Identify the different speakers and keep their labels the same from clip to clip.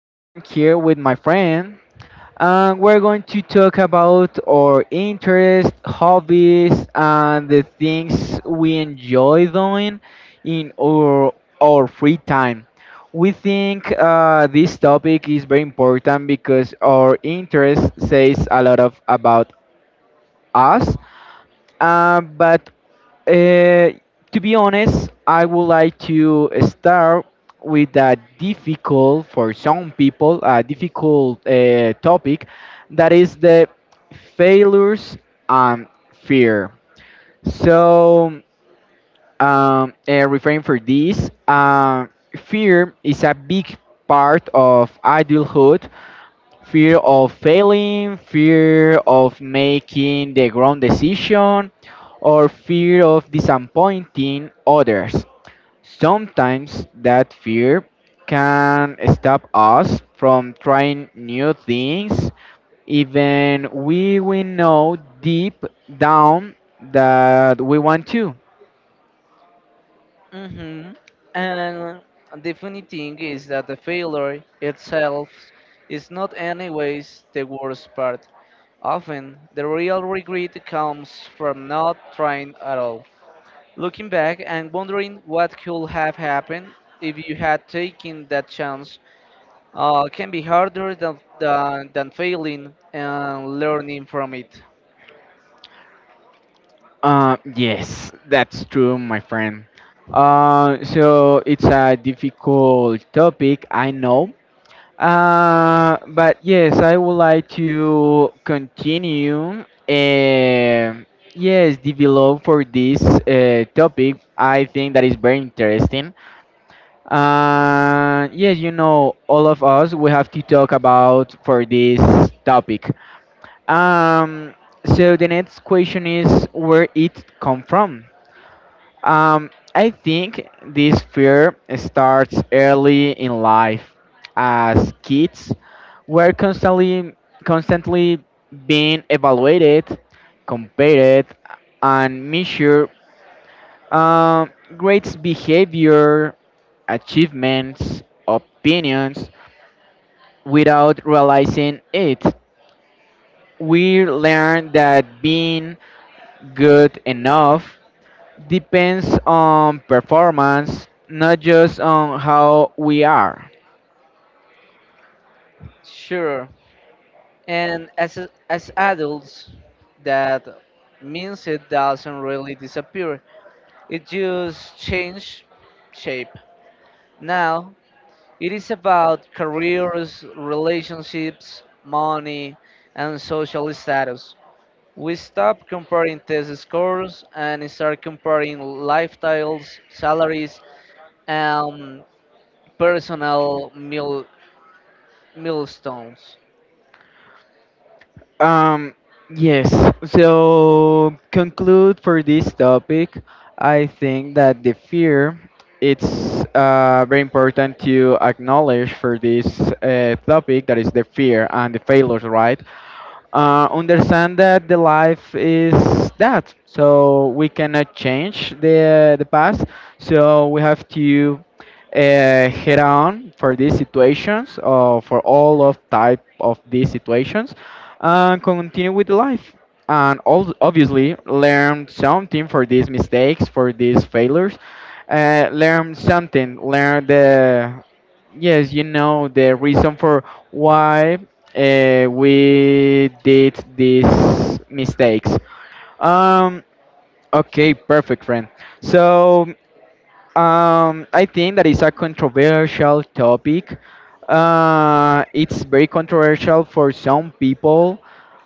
Speaker 1: I'm here with my friend, and we're going to talk about our interests, hobbies, and the things we enjoy doing in our free time. We think this topic is very important because our interest says a lot of about us, but uh, to be honest, I would like to start with a difficult, for some people, a difficult topic that is the failures and fear. So, referring for this, fear is a big part of adulthood fear of failing, fear of making the wrong decision, or fear of disappointing others. Sometimes that fear can stop us from trying new things, even we know deep down that we want to.
Speaker 2: Mm-hmm. And the funny thing is that the failure itself is not anyways the worst part. Often, the real regret comes from not trying at all. Looking back and wondering what could have happened if you had taken that chance can be harder than, failing and learning from it.
Speaker 1: Yes, that's true, my friend. So it's a difficult topic, I know. But yes, I would like to continue. Yes, develop for this topic. I think that is very interesting. Yes, you know, all of us we have to talk about for this topic. Um, so the next question is where it come from. I think this fear starts early in life. As kids, we're constantly being evaluated, compared, and measured. Um, Grades, behavior, achievements, opinions, without realizing it. We learn that being good enough depends on performance, not just on how we are.
Speaker 2: Sure. And as adults, that means it doesn't really disappear. It just change shape. Now it is about careers, relationships, money, and social status. We stop comparing test scores and start comparing lifestyles, salaries, and personal milestones.
Speaker 1: Um, yes, so conclude for this topic, I think that the fear it's very important to acknowledge for this topic that is the fear and the failures, right? Understand that the life is that. So we cannot change the past. So we have to head on for these situations or for all of type of these situations, and continue with life. And all, obviously learn something for these mistakes, for these failures. Learn something. Learn the Yes, you know the reason for why we did these mistakes. Um, okay, perfect, friend. So I think that is a controversial topic. It's very controversial for some people,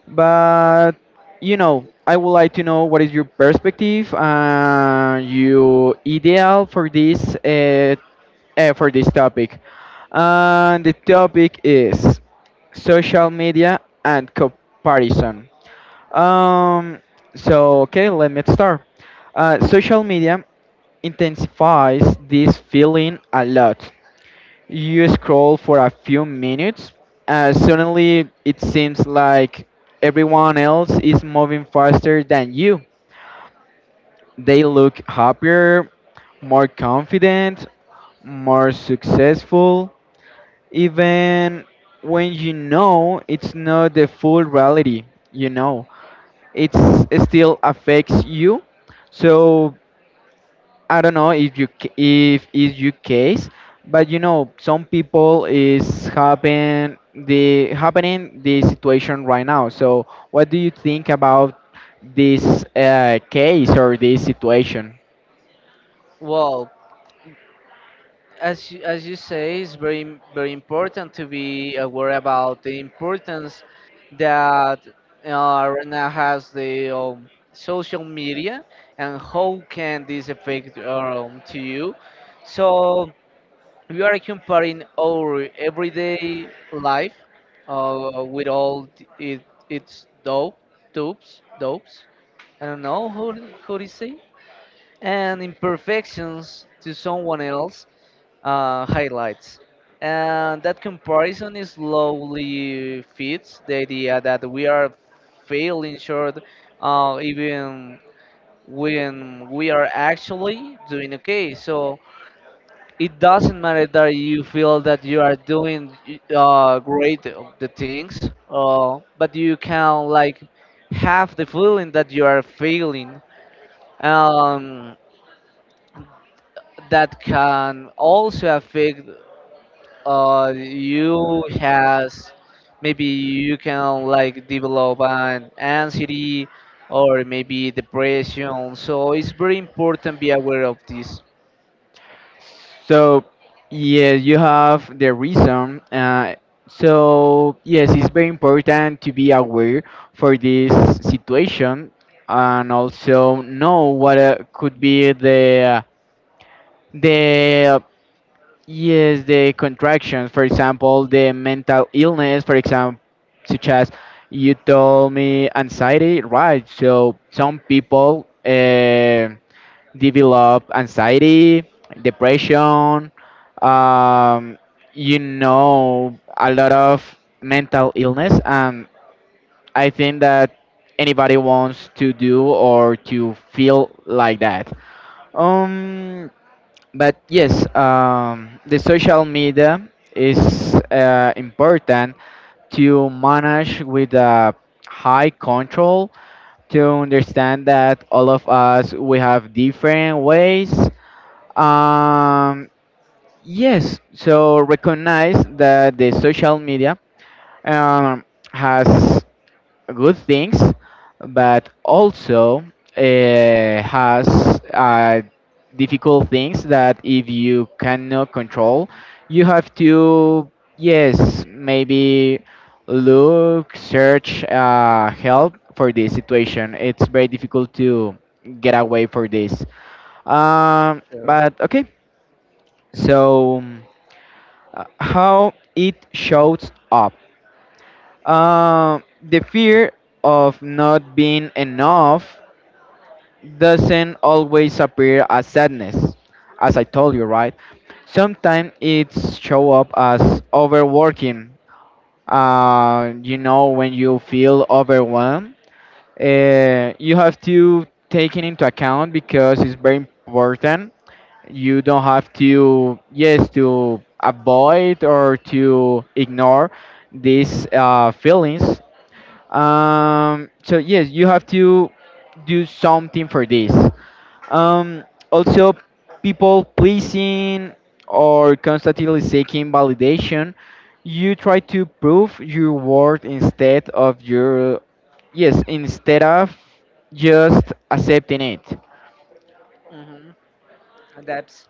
Speaker 1: but you know, I would like to know what is your perspective, your ideal for this topic. And the topic is social media and comparison. Um, so, okay, let me start. Social media intensifies this feeling a lot. You scroll for a few minutes, suddenly it seems like everyone else is moving faster than you. They look happier, more confident, more successful, even when you know it's not the full reality, you know it's it still affects you. So I don't know if you ca- if is your case, but you know some people is happen the happening the situation right now. So what do you think about this case or this situation?
Speaker 2: Wow, as you say, it's very important to be aware about the importance that right now has the social media, and how can this affect to you. So we are comparing our everyday life with all it, its dopes. I don't know how to say, and imperfections to someone else highlights. And that comparison is slowly fits the idea that we are failing short, even when we are actually doing okay. So it doesn't matter that you feel that you are doing great of the things, but you can like have the feeling that you are failing. Um, that can also affect you has, maybe you can like develop an anxiety or maybe depression. So it's very important be aware of this.
Speaker 1: So yes, you have the reason. So yes, it's very important to be aware for this situation and also know what could be the yes the contractions. For example, the mental illness. For example, such as you told me anxiety, right? So some people. Develop anxiety, depression, um, you know, a lot of mental illness. And I think that anybody wants to do or to feel like that. Um, but yes, the social media is important to manage with a high control to understand that all of us we have different ways um, yes, so recognize that the social media um, has good things, but also has uh, difficult things that if you cannot control, you have to, yes, maybe look, search help for this situation. It's very difficult to get away for this.
Speaker 2: Sure.
Speaker 1: But okay, so, how it shows up? The fear of not being enough doesn't always appear as sadness, as I told you, right? Sometimes it show up as overworking. You know, when you feel overwhelmed you have to take it into account because it's very important. You don't have to, yes, to avoid or to ignore these feelings. So yes, you have to do something for this. Um, Also, people pleasing or constantly seeking validation, you try to prove your worth instead of your, yes, instead of just accepting it.
Speaker 2: hmm That's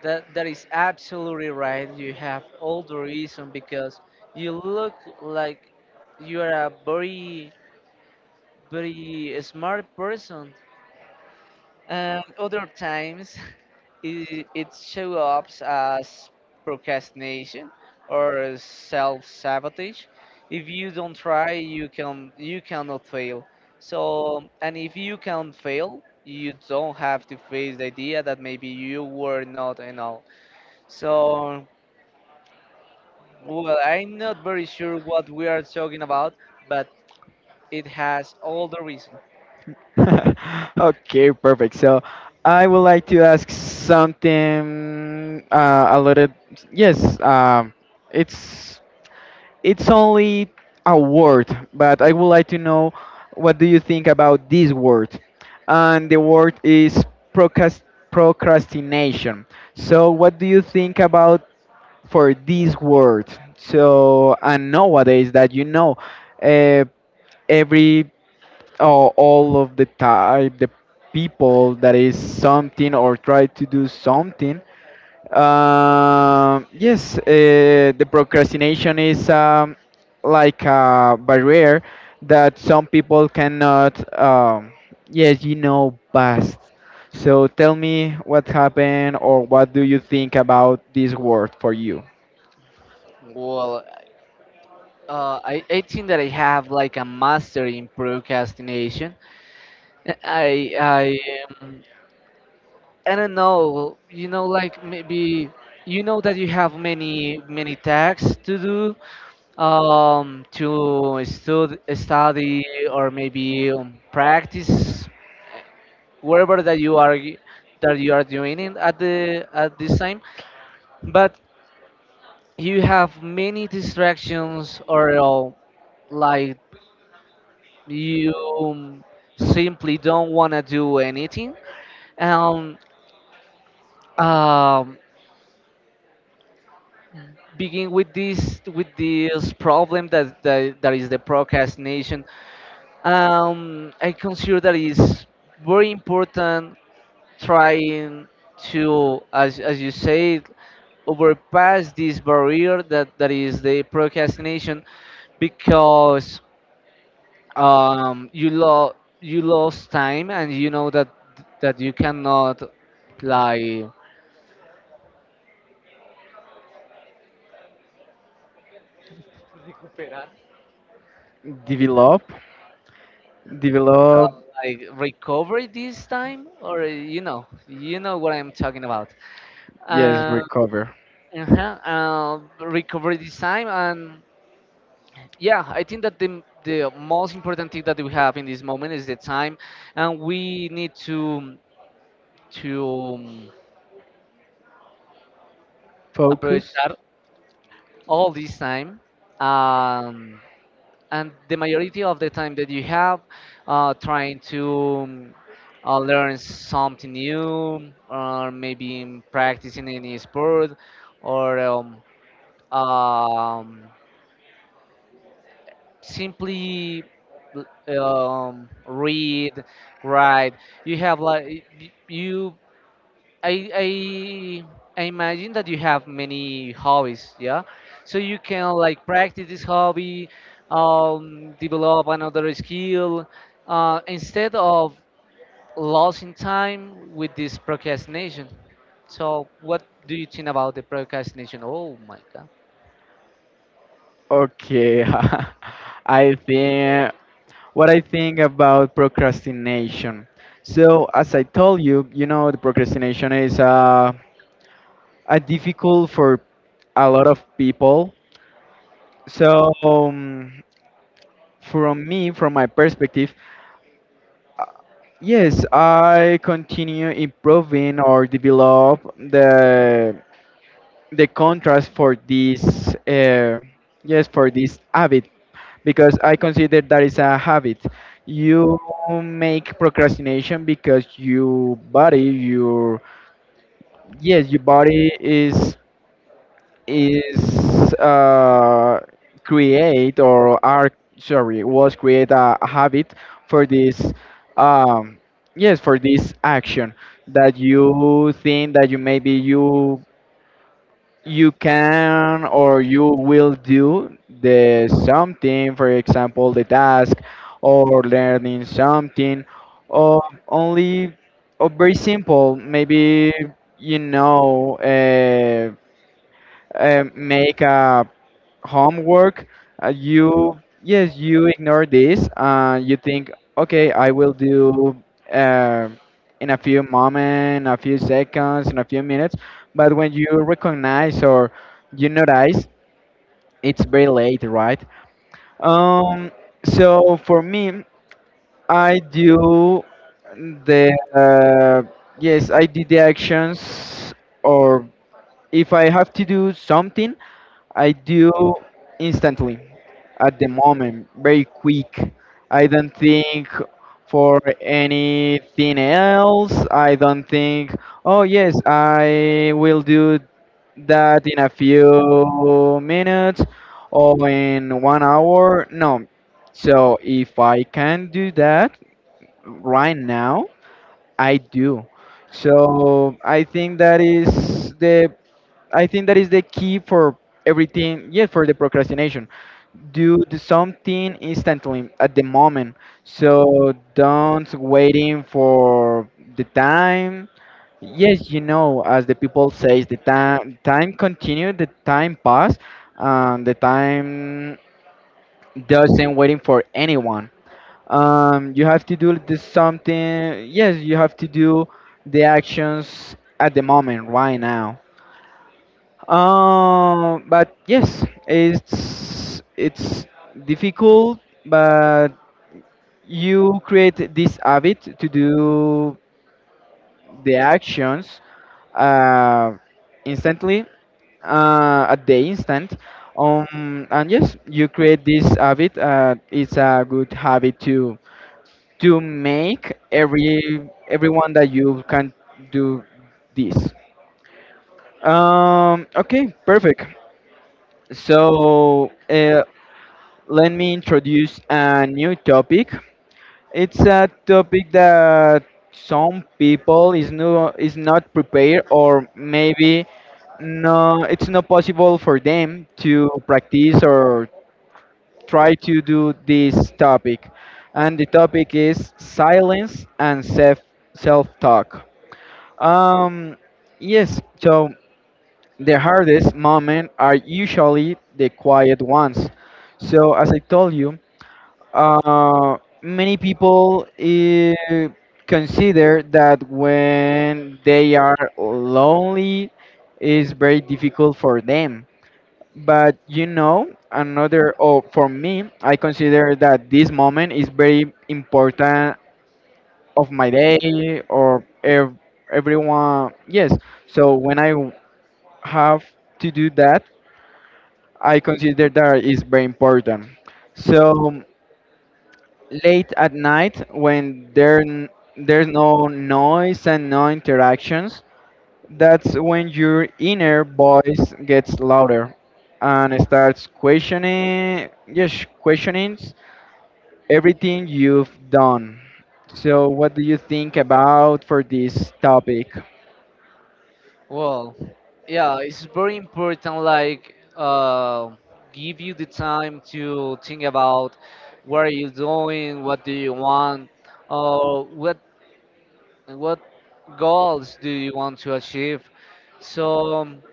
Speaker 2: that. That is absolutely right. You have all the reason because you look like you are a very, very smart person. And other times, it shows up as procrastination or self-sabotage. If you don't try, you cannot fail. So, and if you can fail, you don't have to face the idea that maybe you were not enough. So, well, I'm not very sure what we are talking about, but it has all the reason.
Speaker 1: Okay, perfect. So I would like to ask something a little, yes, it's It's only a word, but I would like to know what do you think about this word? And the word is procrast- procrastination. So what do you think about for this word? So and nowadays that you know, uh, every or all of the type the people that is something or try to do something yes, the procrastination is like a barrier that some people cannot, yes, you know, past. So tell me what happened or what do you think about this word for you?
Speaker 2: Well, I think that I have like a master in procrastination. I I um, I don't know. You know, like maybe you know that you have many tasks to do, to study or maybe practice wherever that you are that you are doing it at the at this time, but you have many distractions, or like you, um, simply don't want to do anything, and um, begin with this problem that, that is the procrastination. I consider that is very important trying to, as you said, overpass this barrier that is the procrastination, because um, you lo you lost time, and you know that you cannot like
Speaker 1: Develop,
Speaker 2: uh,
Speaker 1: develop,
Speaker 2: like recover it this time, or you know what I'm talking about.
Speaker 1: yes,
Speaker 2: um
Speaker 1: recover,
Speaker 2: uh-huh. Recover this time. And yeah, I think that the most important thing that we have in this moment is the time, and we need to um,
Speaker 1: focus.
Speaker 2: aprovechar all this time, um, and the majority of the time that you have, trying to learn something new, or maybe in practicing any sport, or um, simply read, write. You have like you I I imagine that you have many hobbies, yeah. So you can like practice this hobby, develop another skill, instead of losing time with this procrastination. So what do you think about the procrastination? Oh my God.
Speaker 1: Okay, I think. What I think about procrastination. So, as I told you, you know, the procrastination is a difficult for a lot of people. So, from me, from my perspective, yes, I continue improving or develop the contrast for this. Yes, for this habit because I consider that is a habit. You make procrastination because your body, your yes, your body is create or are sorry was create a habit for this um, yes for this action that you think that you maybe you can or you will do the something for example the task or learning something or only or very simple maybe you know make a homework you yes you ignore this and you think okay I will do uh, in a few moments a few seconds in a few minutes but when you recognize or you notice it's very late right. um so for me I do the yes I did the actions or if I have to do something I do instantly at the moment, very quick. I don't think for anything else. I don't think, oh yes, I will do that in a few minutes or in 1 hour. No. So if I can do that right now, I do. So I think that is the I think that is the key for everything. Yeah, for the procrastination, do something instantly at the moment. So don't waiting for the time. Yes, you know, as the people says, the time continue, the time pass, and the time doesn't waiting for anyone. You have to do the something. Yes, you have to do the actions at the moment, right now. But yes, it's difficult, but you create this habit to do the actions uh, instantly at the instant. And yes, you create this habit. It's a good habit to make every everyone that you can do this. Okay, perfect. So, let me introduce a new topic. It's a topic that some people is no is not prepared or maybe no it's not possible for them to practice or try to do this topic. And the topic is silence and self self talk. Um yes, so the hardest moments are usually the quiet ones. So as I told you, uh, many people consider that when they are lonely is very difficult for them but you know another or for me I consider that this moment is very important of my day or everyone yes so when have to do that I consider that is very important so late at night when there's no noise and no interactions that's when your inner voice gets louder and starts questioning yes questioning everything you've done. So what do you think about for this topic?
Speaker 2: Well, yeah, it's very important. Like, give you the time to think about what are you doing, what do you want, or what and what goals do you want to achieve. So um,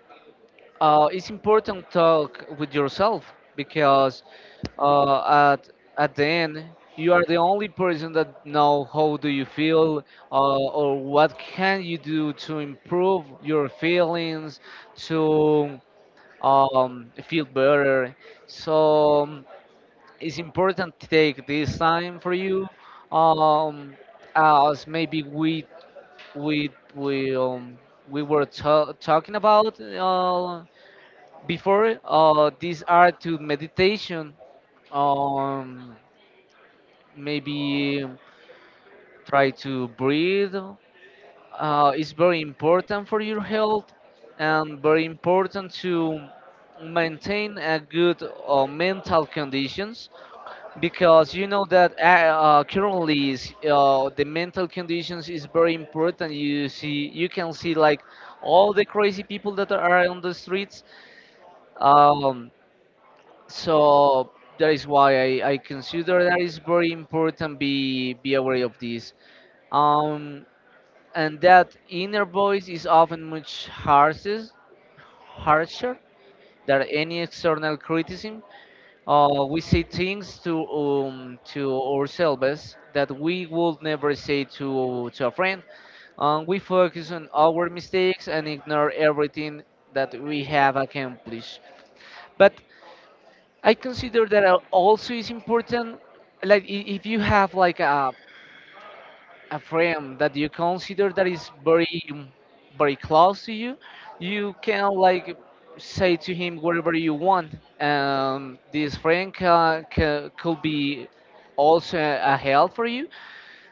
Speaker 2: uh, it's important talk with yourself, because uh, at at the end, you are the only person that know how do you feel, or what can you do to improve your feelings, to feel better. So it's important to take this time for you. Um, as maybe we we um, we were talking about before. These are to meditation. Um, Maybe try to breathe. It's very important for your health, and very important to maintain a good mental conditions, because you know that currently is, the mental conditions is very important. You can see like all the crazy people that are on the streets. um, so that is why I consider that is very important be aware of this. um, and that inner voice is often much harsher than any external criticism. We say things to ourselves that we would never say to a friend. We focus on our mistakes and ignore everything that we have accomplished. But I consider that also is important. Like, if you have like a friend that you consider that is very, very close to you, you can like say to him whatever you want. This friend ca ca could be also a help for you.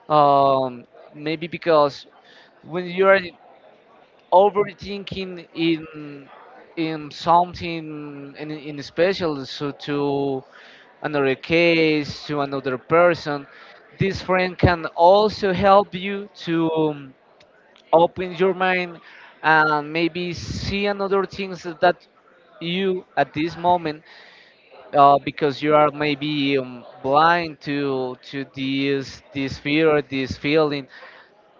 Speaker 2: um, Maybe because, when you are overthinking in something, in special, so to another case to another person, this friend can also help you to open your mind, and maybe see another things that you at this moment, because you are maybe blind to this fear or this feeling,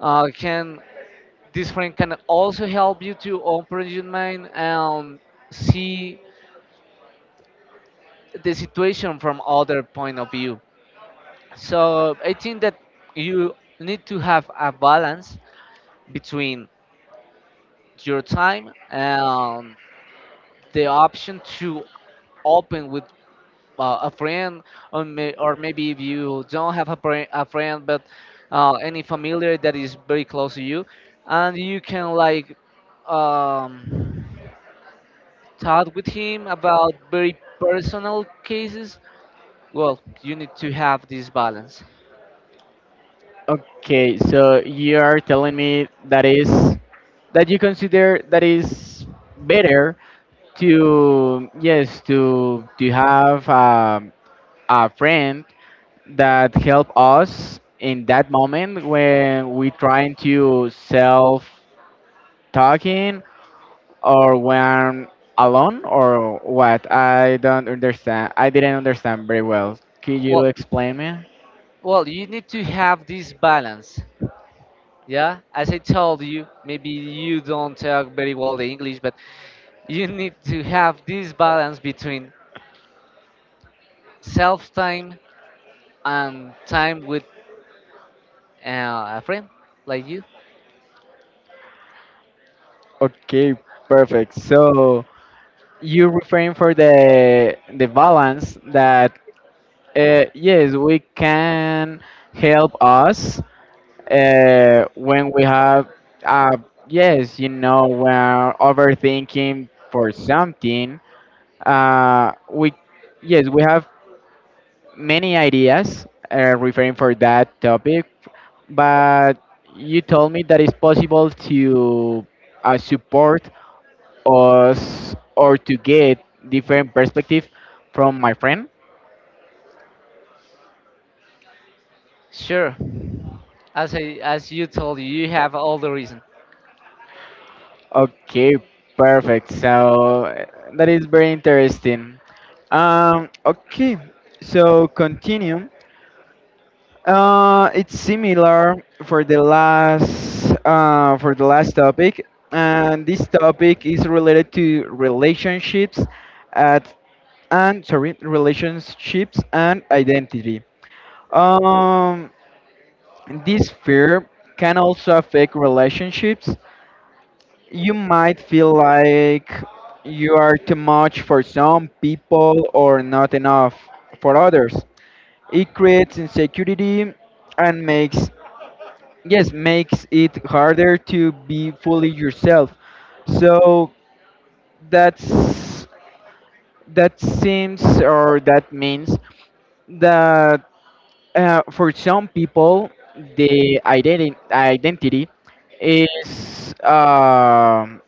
Speaker 2: can this friend can also help you to open your mind and see the situation from other point of view. So I think that you need to have a balance between your time and the option to open with a friend, or maybe, if you don't have a friend, but any familiar that is very close to you, and you can like um, talk with him about very personal cases. Well, you need to have this balance.
Speaker 1: Okay, so you are telling me that is that you consider that is better to yes to have a friend that helped us in that moment when we trying to self talking or when alone or what I don't understand I didn't understand very well could you
Speaker 2: Well,
Speaker 1: explain me.
Speaker 2: you need to have this balance. Yeah, as I told you, maybe you don't talk very well the English, but you need to have this balance between self time and time with a friend like you.
Speaker 1: Okay, perfect. So you referring for the balance that yes we can help us when we have uh, yes you know we're overthinking for something we yes we have many ideas referring for that topic but you told me that it's possible to support us or to get different perspective from my friend.
Speaker 2: Sure, as you told you, you have all the reason.
Speaker 1: Okay, perfect. So that is very interesting. Okay, so continue. It's similar for the last topic, and this topic is related to relationships at and sorry relationships and identity. Um, this fear can also affect relationships you might feel like you are too much for some people or not enough for others. It creates insecurity and makes yes makes it harder to be fully yourself. So that's that seems or that means that for some people, the identity is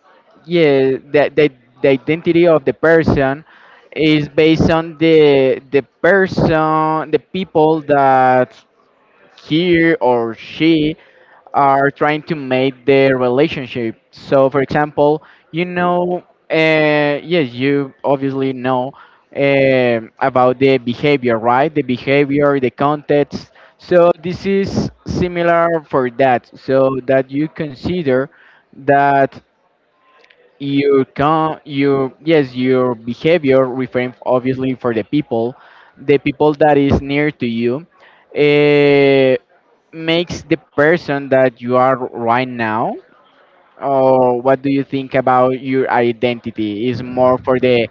Speaker 1: yeah the identity of the person is based on the person the people that he or she are trying to make their relationship. So, for example, you know, yes, you obviously know about the behavior, right? The behavior, the context. So, this is similar for that. So, that you consider that your con your yes your behavior reframed obviously for the people that is near to you uh, makes the person that you are right now or what do you think about your identity is more for the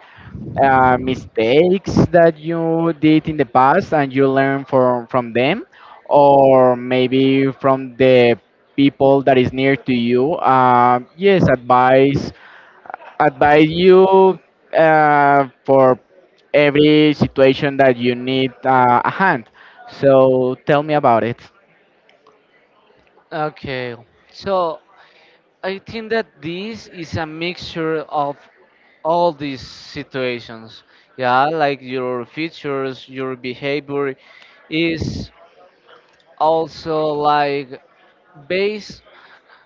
Speaker 1: mistakes that you did in the past and you learn from them or maybe from the people that is near to you yes advice advise you for every situation that you need a hand. So tell me about it.
Speaker 2: Okay, so I think that this is a mixture of all these situations. Yeah, like your features, your behavior is also like based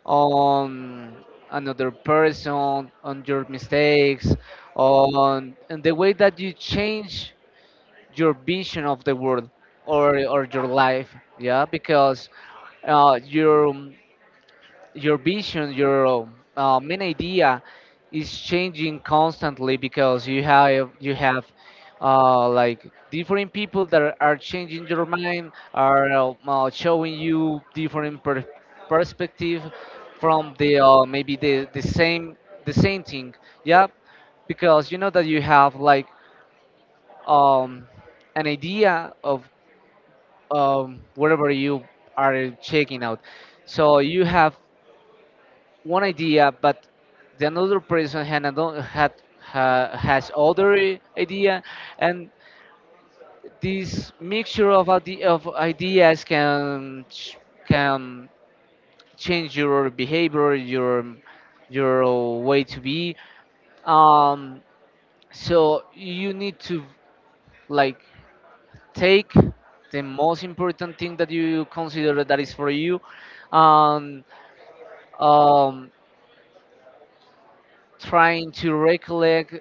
Speaker 2: on another person, on your mistakes, on and the way that you change your vision of the world, or your life. Yeah, because uh, your your vision, your main idea is changing constantly, because you have like different people that are changing your mind, are showing you different perspective from the maybe the same thing. Yeah, because you know that you have like um, an idea of whatever you are checking out. So you have one idea, but the another person had another, had ha, has other idea, and this mixture of ideas can can change your behavior, your way to be. Um, so you need to like take the most important thing that you consider that is for you, and um, trying to recollect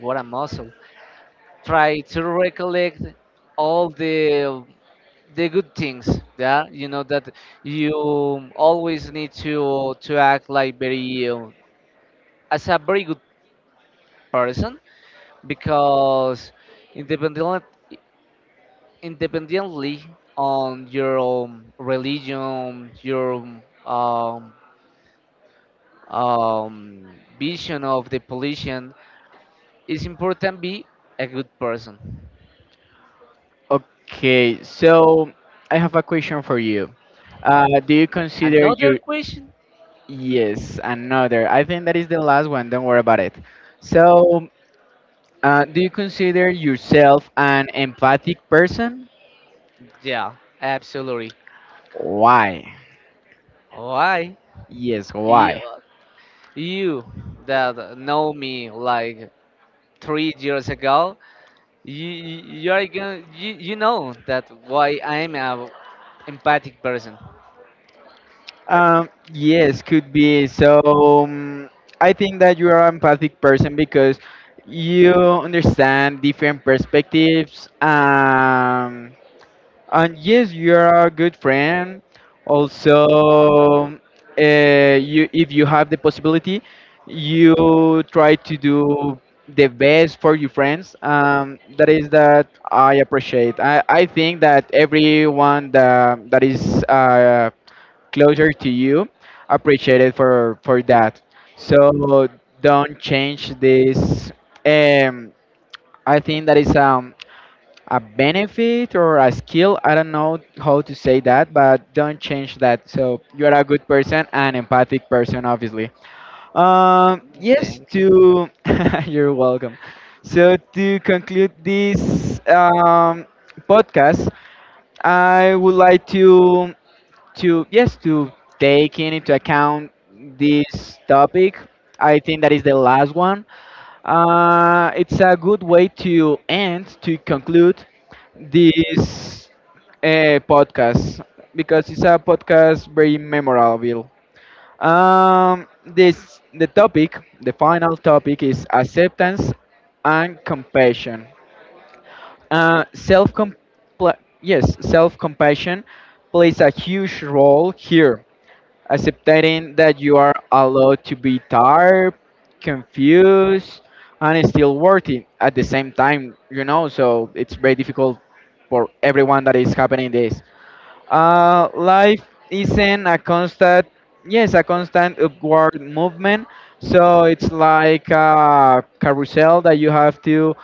Speaker 2: what a muscle, try to recollect all the good things. Yeah, you know that you always need to act like very as a very good person, because independent independently on your religion, your um, um, vision of the pollution, it's important be a good person.
Speaker 1: Okay, so I have a question for you. Do you consider
Speaker 2: Another
Speaker 1: your
Speaker 2: question?
Speaker 1: yes another? I think that is the last one. Don't worry about it. So, do you consider yourself an empathic person?
Speaker 2: Yeah, absolutely.
Speaker 1: Why?
Speaker 2: Why?
Speaker 1: Yes,
Speaker 2: you,
Speaker 1: why?
Speaker 2: you that know me like 3 years ago, you are gonna you, you know that why I'm a empathic person.
Speaker 1: Yes, could be. So, um, I think that you are an empathic person because you understand different perspectives. And yes, you are a good friend. Also, you if you have the possibility, you try to do the best for your friends. That is that I appreciate. I think that everyone that is closer to you appreciate it for that. So don't change this. Um, I think that is a benefit or a skill. I don't know how to say that, but don't change that. So you are a good person an empathic person, obviously. Yes,
Speaker 2: Thank you.
Speaker 1: to you're welcome. So to conclude this podcast, I would like to yes to take into account this topic. I think that is the last one it's a good way to end, to conclude this podcast because it's a podcast very memorable. This the topic, the final topic is acceptance and compassion. Self yes, self compassion plays a huge role here accepting that you are allowed to be tired, confused, and still worthy at the same time, you know. So it's very difficult for everyone that is happening this. Life isn't yes, a constant upward movement. So it's like a carousel that you have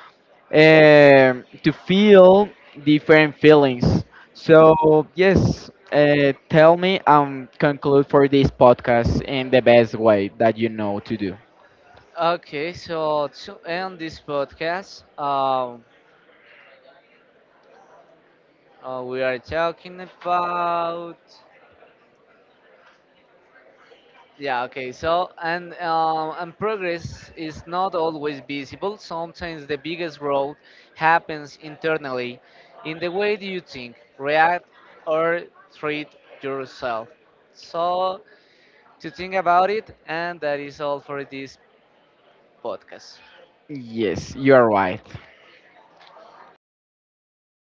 Speaker 1: to feel different feelings. So yes, tell me and conclude for this podcast in the best way that you know to do.
Speaker 2: Okay, so to end this podcast, we are talking about. Yeah, okay. So, and progress is not always visible. Sometimes the biggest growth happens internally, in the way that you think, react, or treat yourself. So, to think about it, and that is all for this podcast.
Speaker 1: Yes, you are right.